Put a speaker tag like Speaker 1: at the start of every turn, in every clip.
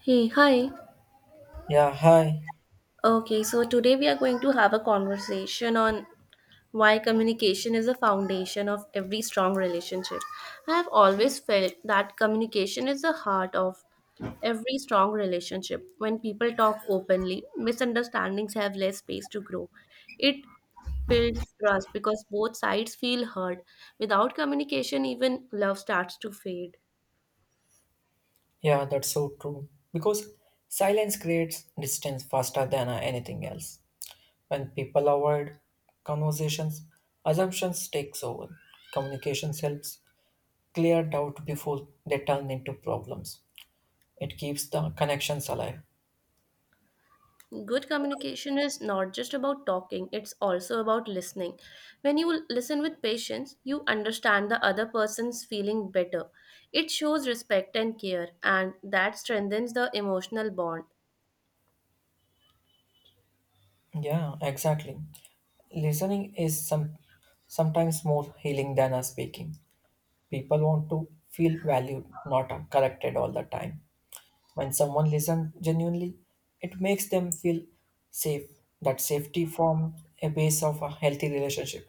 Speaker 1: Hey, hi.
Speaker 2: Yeah, hi.
Speaker 1: Okay, so today we are going to have a conversation on why communication is the foundation of every strong relationship. I have always felt that communication is the heart of every strong relationship. When people talk openly, misunderstandings have less space to grow. It builds trust because both sides feel heard. Without communication, even love starts to fade.
Speaker 2: Yeah, that's so true. Because silence creates distance faster than anything else. When people avoid conversations, assumptions takes over. Communications helps clear doubt before they turn into problems. It keeps the connections alive.
Speaker 1: Good communication is not just about talking, it's also about listening. When you listen with patience, you understand the other person's feeling better. It shows respect and care, and that strengthens the emotional bond.
Speaker 2: Yeah, exactly. Listening is sometimes more healing than speaking. People want to feel valued, not corrected all the time. When someone listens genuinely, it makes them feel safe. That safety forms a base of a healthy relationship.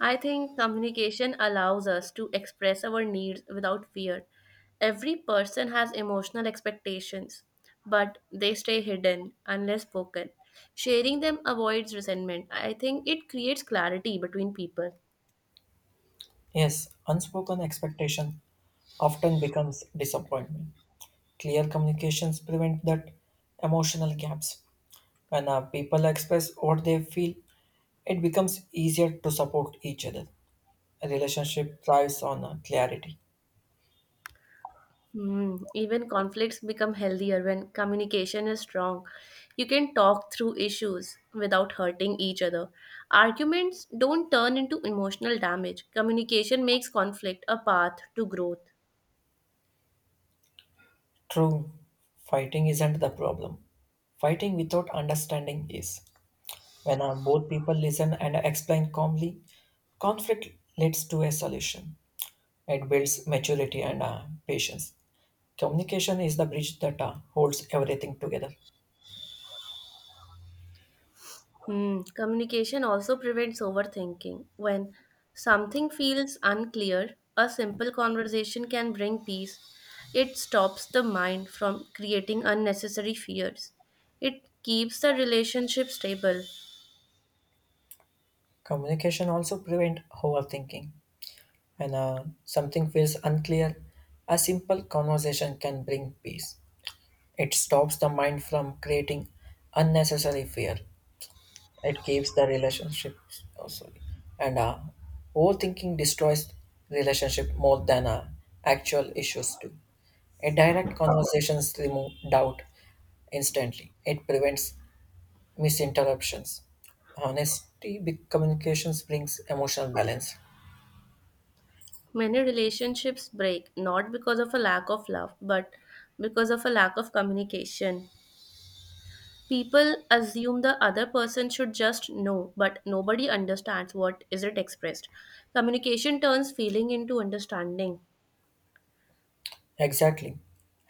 Speaker 1: I think communication allows us to express our needs without fear. Every person has emotional expectations, but they stay hidden unless spoken. Sharing them avoids resentment. I think it creates clarity between people.
Speaker 2: Yes, unspoken expectation often becomes disappointment. Clear communications prevent that emotional gaps. When people express what they feel, it becomes easier to support each other. A relationship thrives on clarity.
Speaker 1: Even conflicts become healthier when communication is strong. You can talk through issues without hurting each other. Arguments don't turn into emotional damage. Communication makes conflict a path to growth.
Speaker 2: True, fighting isn't the problem. Fighting without understanding is. When both people listen and explain calmly, conflict leads to a solution. It builds maturity and patience. Communication is the bridge that holds everything together.
Speaker 1: Hmm. Communication also prevents overthinking. When something feels unclear, a simple conversation can bring peace. It stops the mind from creating unnecessary fears. It keeps the relationship stable.
Speaker 2: Communication also prevents overthinking. When something feels unclear, a simple conversation can bring peace. It stops the mind from creating unnecessary fear. It keeps the relationship oh, sorry and overthinking destroys relationship more than actual issues do. A direct conversations remove doubt instantly. It prevents misinterruptions. Honesty big communications brings emotional balance.
Speaker 1: Many relationships break not because of a lack of love, but because of a lack of communication. People assume the other person should just know, but nobody understands what is it expressed. Communication turns feeling into understanding.
Speaker 2: Exactly.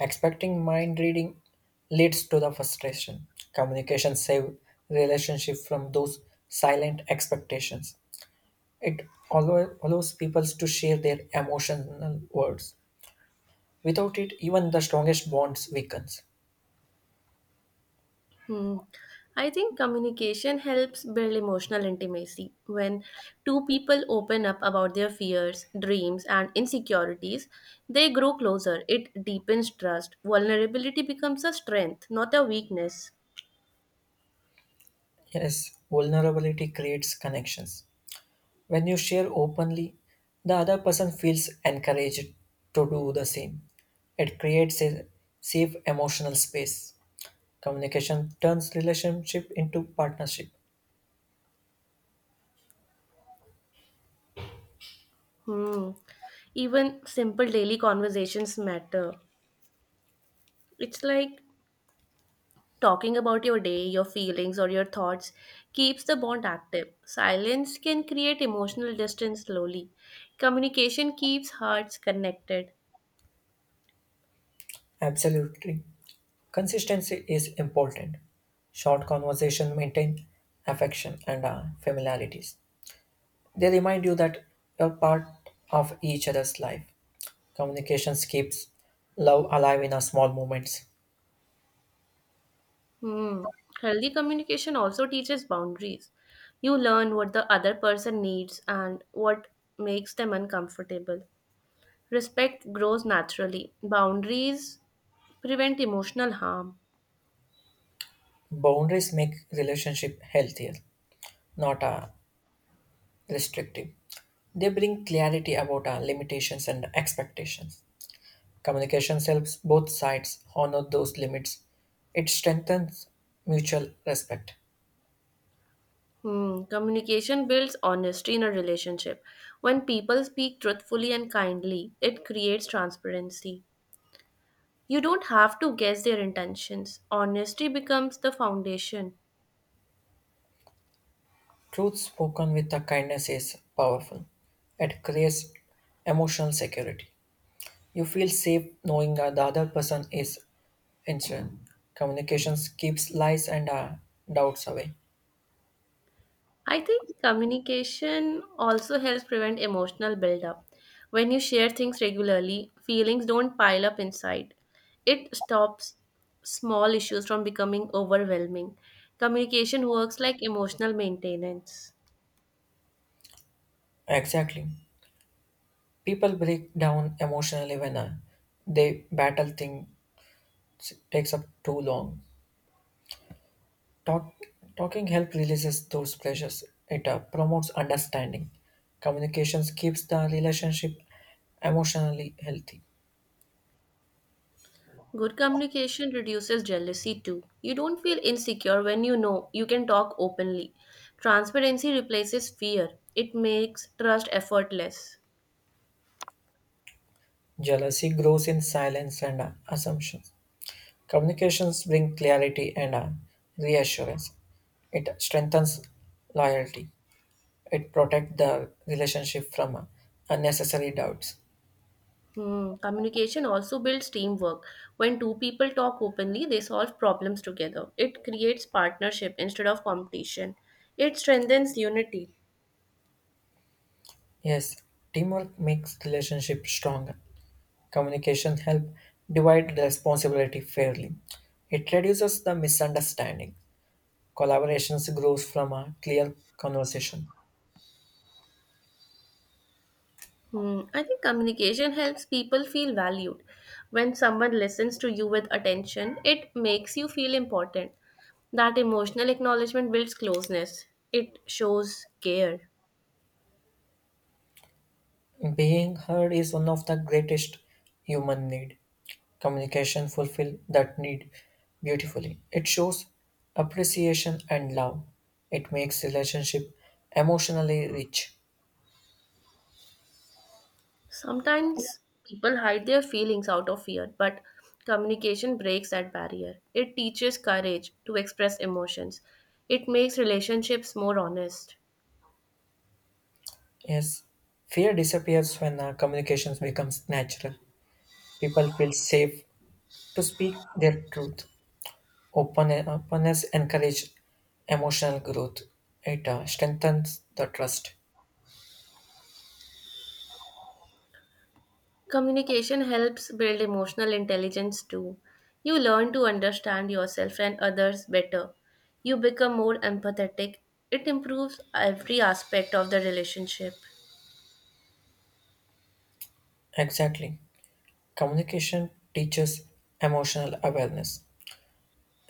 Speaker 2: Expecting mind reading leads to the frustration. Communication save relationship from those silent expectations. It allows people to share their emotional words. Without it, even the strongest bonds weakens.
Speaker 1: Hmm. I think communication helps build emotional intimacy. When two people open up about their fears, dreams, and insecurities, they grow closer. It deepens trust. Vulnerability becomes a strength, not a weakness.
Speaker 2: Yes, vulnerability creates connections. When you share openly, the other person feels encouraged to do the same. It creates a safe emotional space. Communication turns relationship into partnership.
Speaker 1: Hmm. Even simple daily conversations matter. It's like talking about your day, your feelings, or your thoughts keeps the bond active. Silence can create emotional distance slowly. Communication keeps hearts connected.
Speaker 2: Absolutely. Consistency is important. Short conversation maintain affection and familiarities. They remind you that you're part of each other's life. Communication keeps love alive in our small moments.
Speaker 1: Hmm. Healthy communication also teaches boundaries. You learn what the other person needs and what makes them uncomfortable. Respect grows naturally. Boundaries prevent emotional harm.
Speaker 2: Boundaries make relationship healthier, not restrictive. They bring clarity about our limitations and expectations. Communication helps both sides honor those limits. It strengthens mutual respect.
Speaker 1: Hmm. Communication builds honesty in a relationship. When people speak truthfully and kindly, it creates transparency. You don't have to guess their intentions. Honesty becomes the foundation.
Speaker 2: Truth spoken with a kindness is powerful. It creates emotional security. You feel safe knowing that the other person is insulin. Communications keeps lies and doubts away.
Speaker 1: I think communication also helps prevent emotional buildup. When you share things regularly, feelings don't pile up inside. It stops small issues from becoming overwhelming. Communication works like emotional maintenance.
Speaker 2: Exactly. People break down emotionally when they battle things takes up too long. Talk, talking help releases those pressures. It promotes understanding. Communications keeps the relationship emotionally healthy.
Speaker 1: Good communication reduces jealousy too. You don't feel insecure when you know you can talk openly. Transparency replaces fear, it makes trust effortless.
Speaker 2: Jealousy grows in silence and assumptions. Communications bring clarity and reassurance. It strengthens loyalty. It protects the relationship from unnecessary doubts.
Speaker 1: Hmm. Communication also builds teamwork. When two people talk openly, they solve problems together. It creates partnership instead of competition. It strengthens unity.
Speaker 2: Yes, teamwork makes relationship stronger. Communication help divide the responsibility fairly. It reduces the misunderstanding. Collaborations grows from a clear conversation.
Speaker 1: I think communication helps people feel valued. When someone listens to you with attention, it makes you feel important. That emotional acknowledgement builds closeness, it shows care.
Speaker 2: Being heard is one of the greatest human need. Communication fulfill that need beautifully. It shows appreciation and love. It makes relationship emotionally rich.
Speaker 1: Sometimes people hide their feelings out of fear, but communication breaks that barrier. It teaches courage to express emotions, it makes relationships more honest.
Speaker 2: Yes, fear disappears when communications becomes natural. People feel safe to speak their truth. Openness encourages emotional growth. It strengthens the trust.
Speaker 1: Communication helps build emotional intelligence too. You learn to understand yourself and others better. You become more empathetic. It improves every aspect of the relationship.
Speaker 2: Exactly. Communication teaches emotional awareness.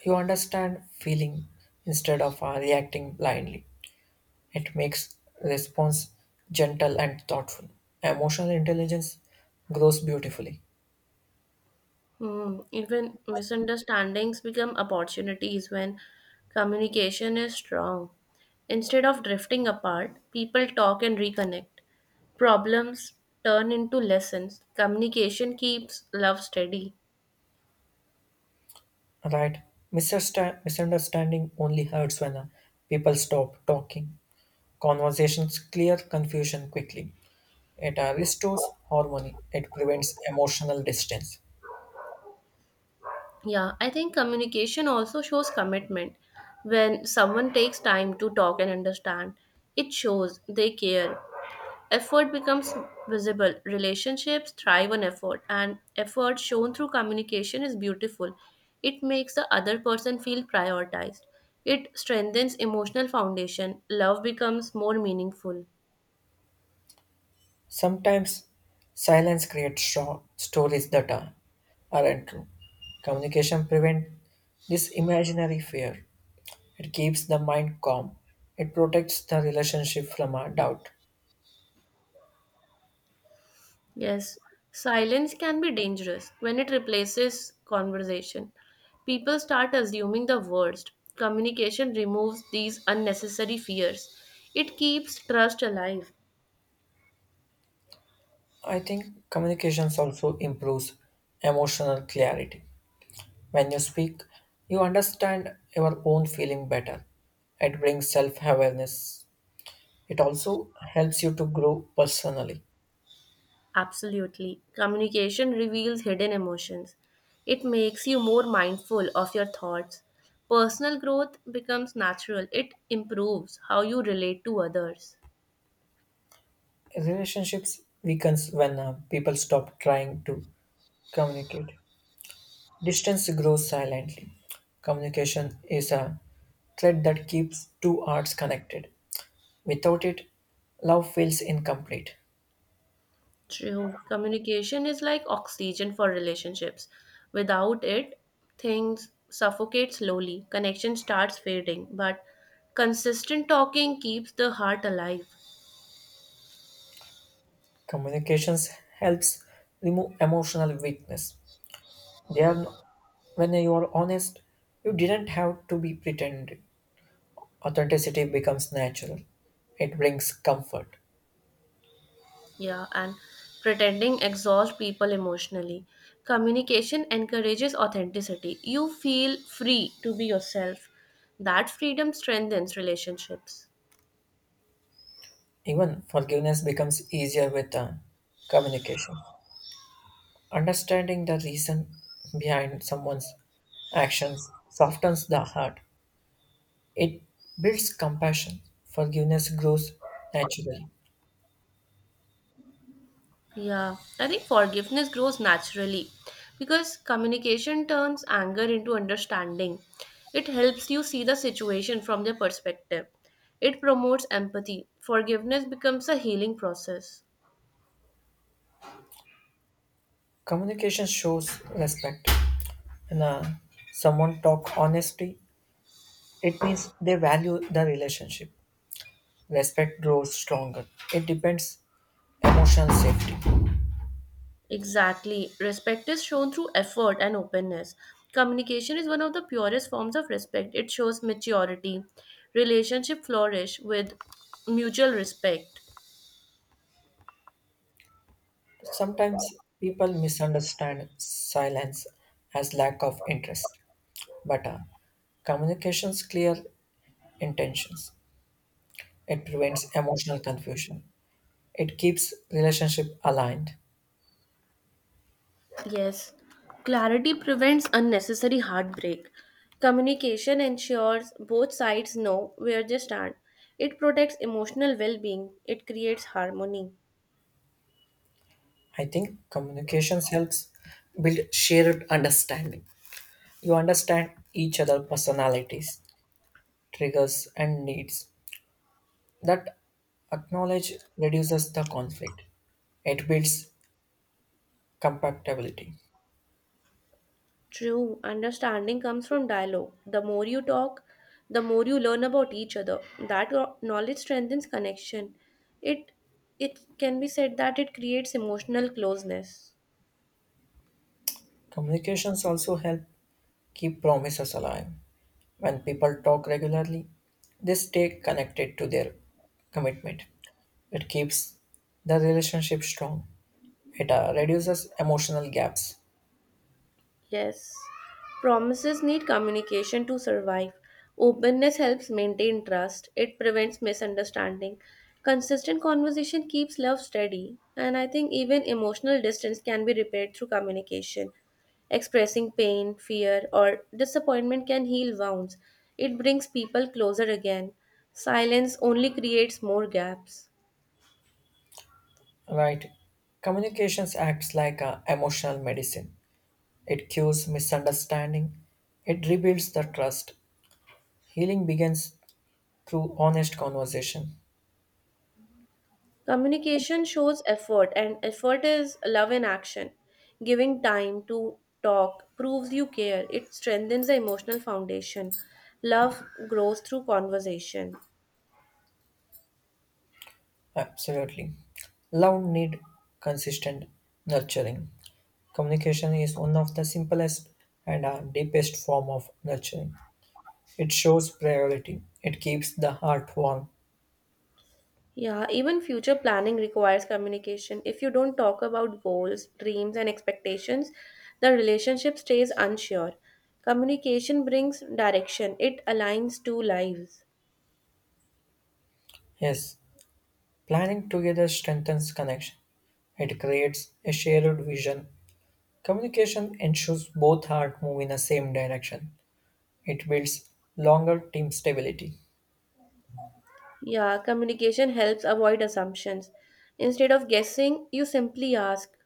Speaker 2: You understand feeling instead of reacting blindly. It makes response gentle and thoughtful. Emotional intelligence grows beautifully,
Speaker 1: Even misunderstandings become opportunities when communication is strong. Instead of drifting apart, people talk and reconnect. Problems turn into lessons. Communication keeps love steady.
Speaker 2: right? Misunderstanding only hurts when people stop talking. Conversations clear confusion quickly. It restores harmony. It prevents emotional distance.
Speaker 1: Yeah, I think communication also shows commitment. When someone takes time to talk and understand, it shows they care. Effort becomes visible. Relationships thrive on effort, and effort shown through communication is beautiful. It makes the other person feel prioritized. It strengthens emotional foundation. Love becomes more meaningful.
Speaker 2: Sometimes silence creates stories that aren't true. Communication prevents this imaginary fear. It keeps the mind calm. It protects the relationship from a doubt.
Speaker 1: Yes, silence can be dangerous when it replaces conversation. People start assuming the worst. Communication removes these unnecessary fears, it keeps trust alive.
Speaker 2: I think communications also improves emotional clarity. When you speak, you understand your own feeling better. It brings self-awareness. It also helps you to grow personally.
Speaker 1: Absolutely. Communication reveals hidden emotions, it makes you more mindful of your thoughts. Personal growth becomes natural, it improves how you relate to others.
Speaker 2: Relationships weakens when people stop trying to communicate. Distance grows silently. Communication is a thread that keeps two hearts connected. Without it, love feels incomplete.
Speaker 1: True. Communication is like oxygen for relationships. Without it, things suffocate slowly, connection starts fading, but consistent talking keeps the heart alive.
Speaker 2: Communications helps remove emotional weakness. They are, when you are honest, you didn't have to be pretending. Authenticity becomes natural. It brings comfort.
Speaker 1: Yeah, and pretending exhausts people emotionally. Communication encourages authenticity. You feel free to be yourself. That freedom strengthens relationships.
Speaker 2: Even forgiveness becomes easier with communication. Understanding the reason behind someone's actions softens the heart. It builds compassion. Forgiveness grows naturally.
Speaker 1: Yeah, I think forgiveness grows naturally because communication turns anger into understanding. It helps you see the situation from their perspective. It promotes empathy. Forgiveness becomes a healing process.
Speaker 2: Communication shows respect. When someone talk honestly, it means they value the relationship. Respect grows stronger. It depends emotional safety.
Speaker 1: Exactly. Respect is shown through effort and openness. Communication is one of the purest forms of respect. It shows maturity. Relationship flourish with mutual respect.
Speaker 2: Sometimes people misunderstand silence as lack of interest, but communications clear intentions. It prevents emotional confusion. It keeps relationship aligned.
Speaker 1: Yes, clarity prevents unnecessary heartbreak. Communication ensures both sides know where they stand. It protects emotional well being. It creates harmony.
Speaker 2: I think communications helps build shared understanding. You understand each other personalities, triggers and needs. That acknowledge reduces the conflict. It builds compatibility.
Speaker 1: True understanding comes from dialogue. The more you talk, the more you learn about each other. That knowledge strengthens connection. It it can be said that it creates emotional closeness.
Speaker 2: Communications also help keep promises alive. When people talk regularly, they stay connected to their commitment. It keeps the relationship strong. It reduces emotional gaps,
Speaker 1: Yes. Promises need communication to survive. Openness helps maintain trust, it prevents misunderstanding. Consistent conversation keeps love steady, and I think even emotional distance can be repaired through communication. Expressing pain, fear, or disappointment can heal wounds. It brings people closer again. Silence only creates more gaps.
Speaker 2: right? Communications acts like a emotional medicine. It cures misunderstanding. It rebuilds the trust. Healing begins through honest conversation.
Speaker 1: Communication shows effort, and effort is love in action. Giving time to talk proves you care, it strengthens the emotional foundation. Love grows through conversation.
Speaker 2: Absolutely. Love need consistent nurturing. Communication is one of the simplest and deepest form of nurturing. It shows priority. It keeps the heart warm.
Speaker 1: Yeah, even future planning requires communication. If you don't talk about goals, dreams, and expectations, the relationship stays unsure. Communication brings direction, it aligns two lives.
Speaker 2: Yes, planning together strengthens connection. It creates a shared vision. Communication ensures both heart move in the same direction. It builds longer team stability.
Speaker 1: Yeah, communication helps avoid assumptions. Instead of guessing, you simply ask.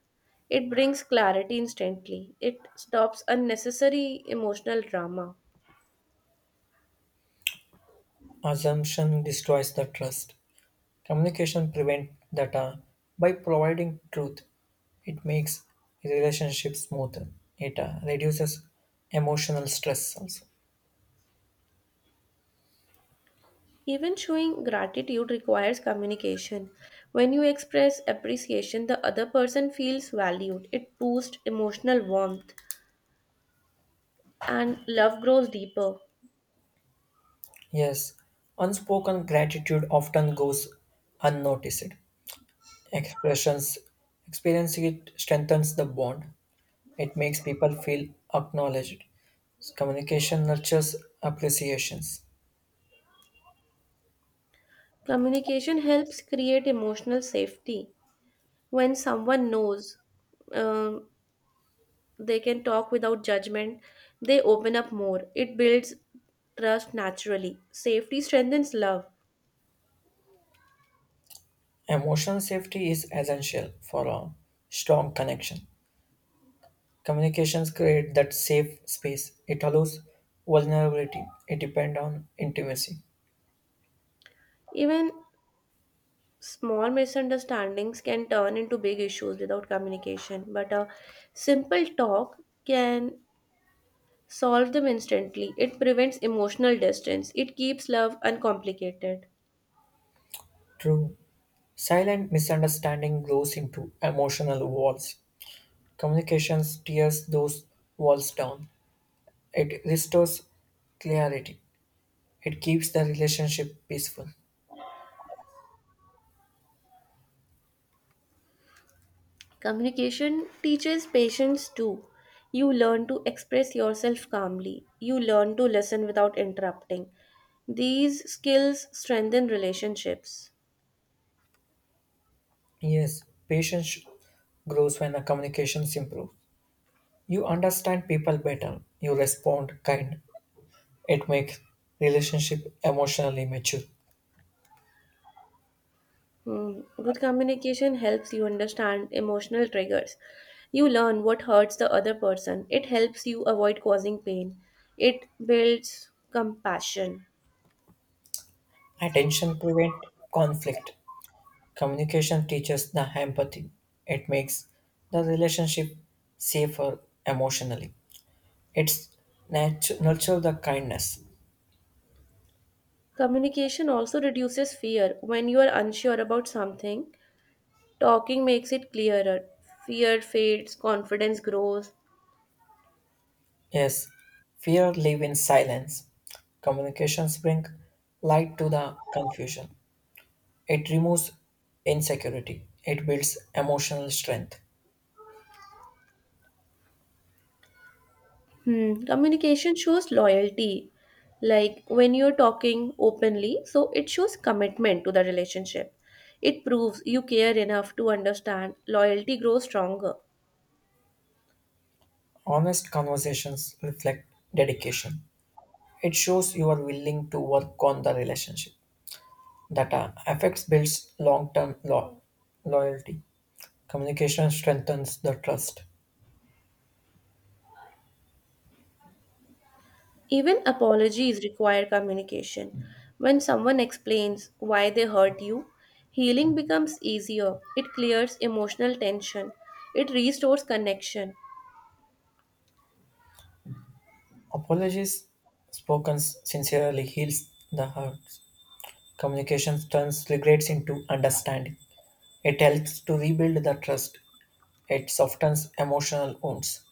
Speaker 1: It brings clarity instantly. It stops unnecessary emotional drama.
Speaker 2: Assumption destroys the trust. Communication prevents data by providing truth. It makes relationships smoother. It reduces emotional stress also.
Speaker 1: Even showing gratitude requires communication. When you express appreciation, the other person feels valued. It boosts emotional warmth and love grows deeper.
Speaker 2: Yes, unspoken gratitude often goes unnoticed. Expressions experiencing it strengthens the bond. It makes people feel acknowledged. Communication nurtures appreciations.
Speaker 1: Communication helps create emotional safety. When someone knows um, they can talk without judgment, they open up more, it builds trust naturally, safety strengthens love.
Speaker 2: Emotional safety is essential for a strong connection. Communications create that safe space. It allows vulnerability. It depends on intimacy.
Speaker 1: Even small misunderstandings can turn into big issues without communication, but a simple talk can solve them instantly, it prevents emotional distance, it keeps love uncomplicated.
Speaker 2: True. Silent misunderstanding grows into emotional walls. Communications tears those walls down. It restores clarity. It keeps the relationship peaceful.
Speaker 1: Communication teaches patience too. You learn to express yourself calmly. You learn to listen without interrupting. These skills strengthen relationships.
Speaker 2: Yes, patience grows when the communications improve. You understand people better. You respond kind. It makes relationship emotionally mature.
Speaker 1: Hmm. Good communication helps you understand emotional triggers. You learn what hurts the other person. It helps you avoid causing pain. It builds compassion.
Speaker 2: Attention prevent conflict. Communication teaches the empathy. It makes the relationship safer emotionally. It's nurture the kindness.
Speaker 1: Communication also reduces fear. When you are unsure about something, talking makes it clearer. Fear fades, confidence grows.
Speaker 2: Yes, fear live in silence. Communications bring light to the confusion. It removes insecurity. It builds emotional strength.
Speaker 1: Hmm. Communication shows loyalty. Like when you're talking openly, so it shows commitment to the relationship. It proves you care enough to understand. Loyalty grows stronger.
Speaker 2: Honest conversations reflect dedication. It shows you are willing to work on the relationship. That affects builds loyalty. Communication strengthens the trust.
Speaker 1: Even apologies require communication. When someone explains why they hurt you, healing becomes easier. It clears emotional tension. It restores connection.
Speaker 2: Apologies spoken sincerely heals the hearts. Communication turns regrets into understanding. It helps to rebuild the trust. It softens emotional wounds.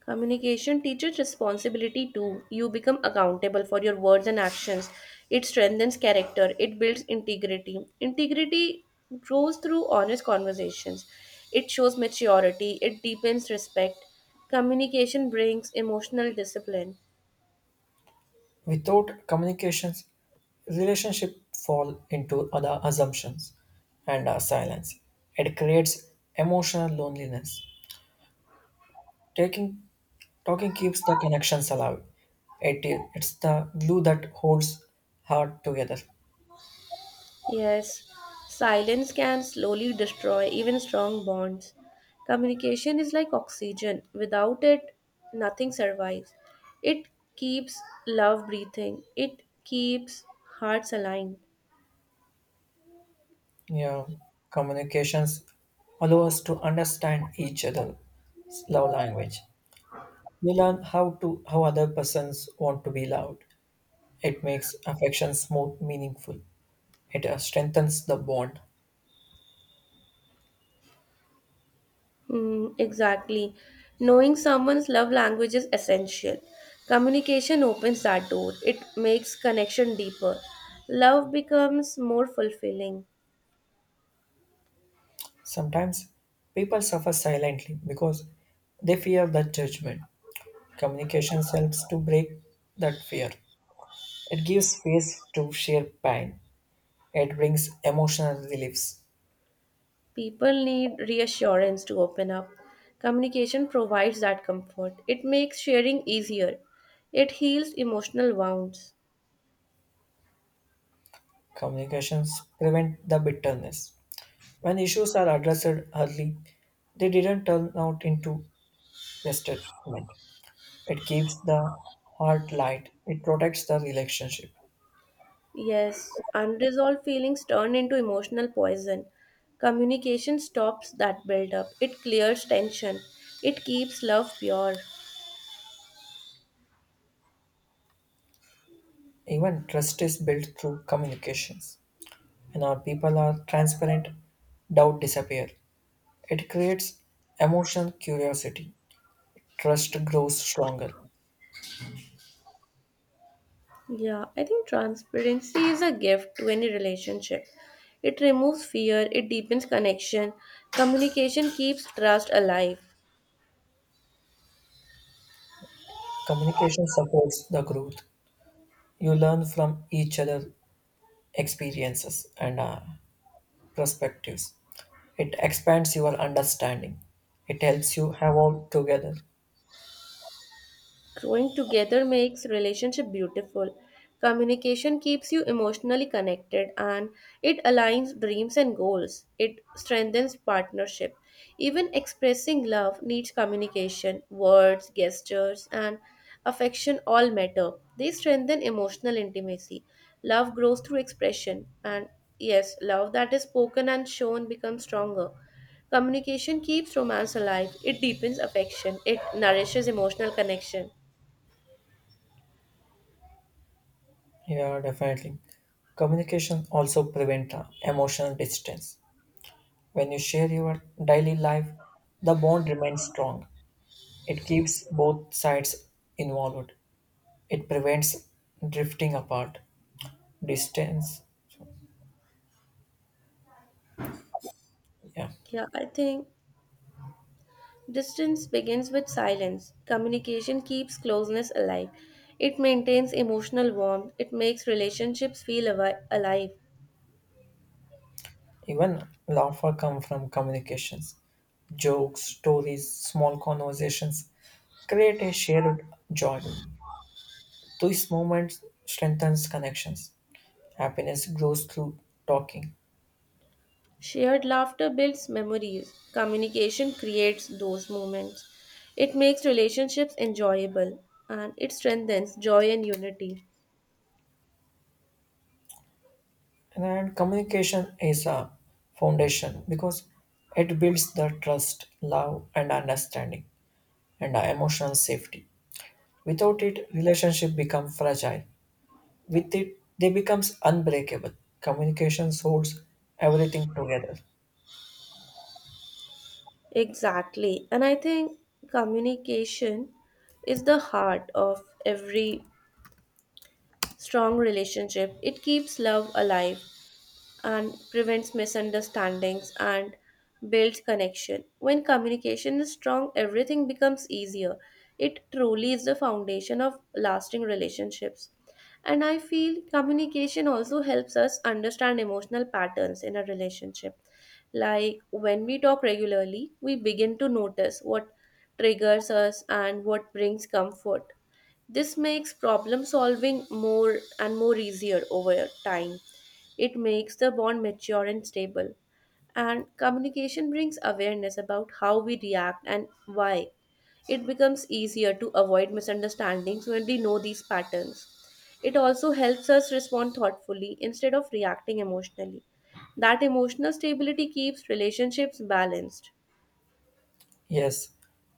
Speaker 1: Communication teaches responsibility too. You become accountable for your words and actions. It strengthens character, it builds integrity. Integrity grows through honest conversations, it shows maturity, it deepens respect. Communication brings emotional discipline.
Speaker 2: Without communications, relationship fall into other assumptions and silence. It creates emotional loneliness. Taking, talking keeps the connections alive. It's the glue that holds heart together.
Speaker 1: Yes, silence can slowly destroy even strong bonds. Communication is like oxygen. Without it, nothing survives. It keeps love breathing, it keeps hearts aligned.
Speaker 2: You know, communications allow us to understand each other's love language. We learn how other persons want to be loved. It makes affections more meaningful. It strengthens the bond.
Speaker 1: Mm, exactly. Knowing someone's love language is essential. Communication opens that door, it makes connection deeper. Love becomes more fulfilling.
Speaker 2: Sometimes people suffer silently because they fear the judgment. Communication helps to break that fear. It gives space to share pain. It brings emotional reliefs.
Speaker 1: People need reassurance to open up. Communication provides that comfort. It makes sharing easier. It heals emotional wounds.
Speaker 2: Communications prevent the bitterness. When issues are addressed early, they didn't turn out into resentment. It keeps the heart light. It protects the relationship.
Speaker 1: Yes, unresolved feelings turn into emotional poison. Communication stops that buildup. It clears tension. It keeps love pure.
Speaker 2: Even trust is built through communications. When our people are transparent, doubt disappears. It creates emotional curiosity. Trust grows stronger.
Speaker 1: Yeah, I think transparency is a gift to any relationship. It removes fear, it deepens connection. Communication keeps trust alive.
Speaker 2: Communication supports the growth. You learn from each other' experiences and perspectives. It expands your understanding. It helps you evolve together.
Speaker 1: Growing together makes relationship beautiful. Communication keeps you emotionally connected and it aligns dreams and goals. It strengthens partnership. Even expressing love needs communication. Words, gestures, and affection all matter. They strengthen emotional intimacy. Love grows through expression, and yes, love that is spoken and shown becomes stronger. Communication keeps romance alive. It deepens affection. It nourishes emotional connection.
Speaker 2: Yeah, definitely. Communication also prevents emotional distance. When you share your daily life, the bond remains strong. It keeps both sides involved. It prevents drifting apart. Distance. So, yeah.
Speaker 1: Yeah, I think distance begins with silence. Communication keeps closeness alive. It maintains emotional warmth. It makes relationships feel alive.
Speaker 2: Even laughter comes from communications. Jokes, stories, small conversations create a shared joy. These moments strengthens connections. Happiness grows through talking.
Speaker 1: Shared laughter builds memories. Communication creates those moments. It makes relationships enjoyable and it strengthens joy and unity.
Speaker 2: And communication is a foundation because it builds the trust, love and understanding and the emotional safety. Without it, relationship become fragile. With it, they becomes unbreakable. Communication holds everything together.
Speaker 1: Exactly. And I think communication is the heart of every strong relationship. It keeps love alive and prevents misunderstandings and builds connection. When communication is strong, everything becomes easier. It truly is the foundation of lasting relationships. And I feel communication also helps us understand emotional patterns in a relationship. Like when we talk regularly, we begin to notice what triggers us and what brings comfort. This makes problem solving more and more easier over time. It makes the bond mature and stable. And communication brings awareness about how we react and why. It becomes easier to avoid misunderstandings when we know these patterns. It also helps us respond thoughtfully instead of reacting emotionally. That emotional stability keeps relationships balanced.
Speaker 2: Yes,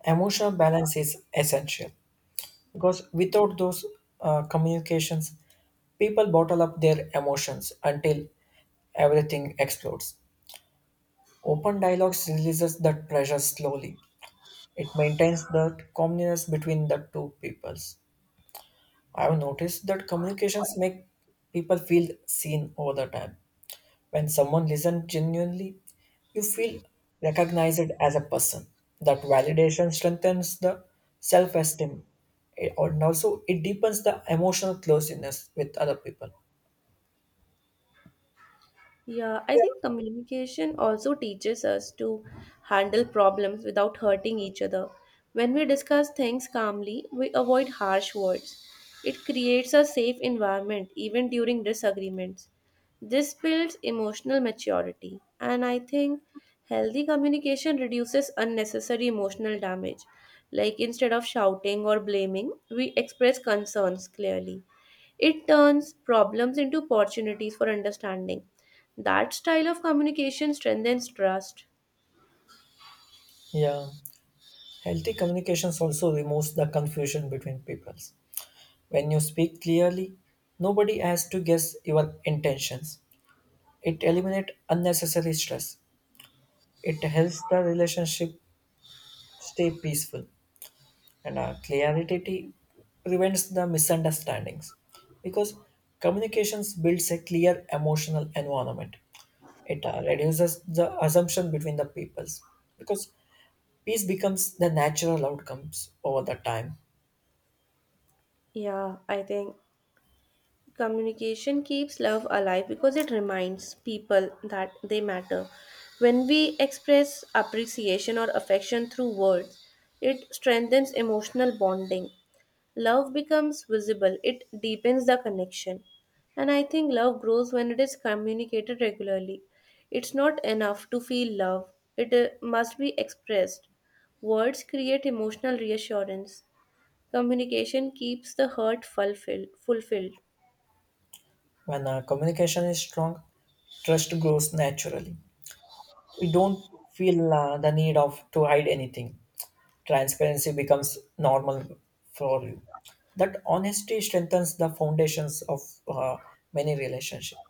Speaker 2: emotional balance is essential because without those communications, people bottle up their emotions until everything explodes. Open dialogues releases that pressure slowly. It maintains that calmness between the two peoples. I have noticed that communications make people feel seen over the time. When someone listens genuinely, you feel recognized as a person. That validation strengthens the self esteem, and also it deepens the emotional closeness with other people.
Speaker 1: Yeah, I think communication also teaches us to handle problems without hurting each other. When we discuss things calmly, we avoid harsh words. It creates a safe environment even during disagreements. This builds emotional maturity, and I think healthy communication reduces unnecessary emotional damage. Like instead of shouting or blaming, we express concerns clearly. It turns problems into opportunities for understanding. That style of communication strengthens trust.
Speaker 2: Yeah, healthy communications also removes the confusion between peoples. When you speak clearly, nobody has to guess your intentions. It eliminates unnecessary stress. It helps the relationship stay peaceful. And clarity prevents the misunderstandings because communications builds a clear emotional environment. It reduces the assumption between the peoples, because peace becomes the natural outcomes over the time.
Speaker 1: Yeah, I think communication keeps love alive because it reminds people that they matter. When we express appreciation or affection through words, it strengthens emotional bonding. Love becomes visible, it deepens the connection. And I think love grows when it is communicated regularly. It's not enough to feel love, it must be expressed. Words create emotional reassurance. Communication keeps the hurt fulfilled.
Speaker 2: When communication is strong, trust grows naturally. We don't feel the need of to hide anything. Transparency becomes normal for you. That honesty strengthens the foundations of uh, many relationships.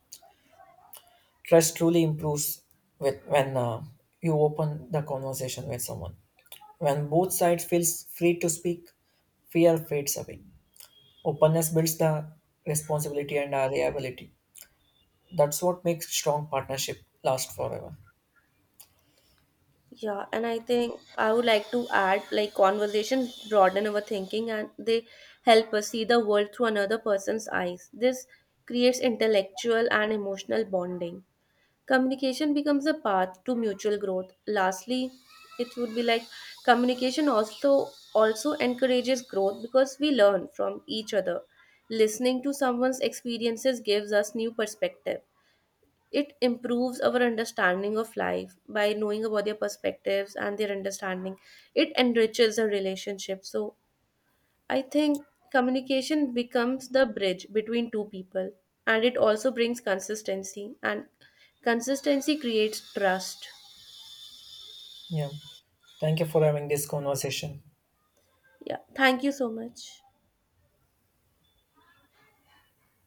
Speaker 2: Trust truly improves when you open the conversation with someone. When both sides feels free to speak, fear fades away. Openness builds the responsibility and reliability. That's what makes strong partnership last forever.
Speaker 1: Yeah, and I think I would like to add like conversations broaden our thinking and they help us see the world through another person's eyes. This creates intellectual and emotional bonding. Communication becomes a path to mutual growth. Lastly, it would be like communication also encourages growth because we learn from each other. Listening to someone's experiences gives us new perspective. It improves our understanding of life by knowing about their perspectives and their understanding. It enriches a relationship. So I think communication becomes the bridge between two people and it also brings consistency and consistency creates trust.
Speaker 2: Yeah. Thank you for having this conversation.
Speaker 1: Yeah, thank you so much.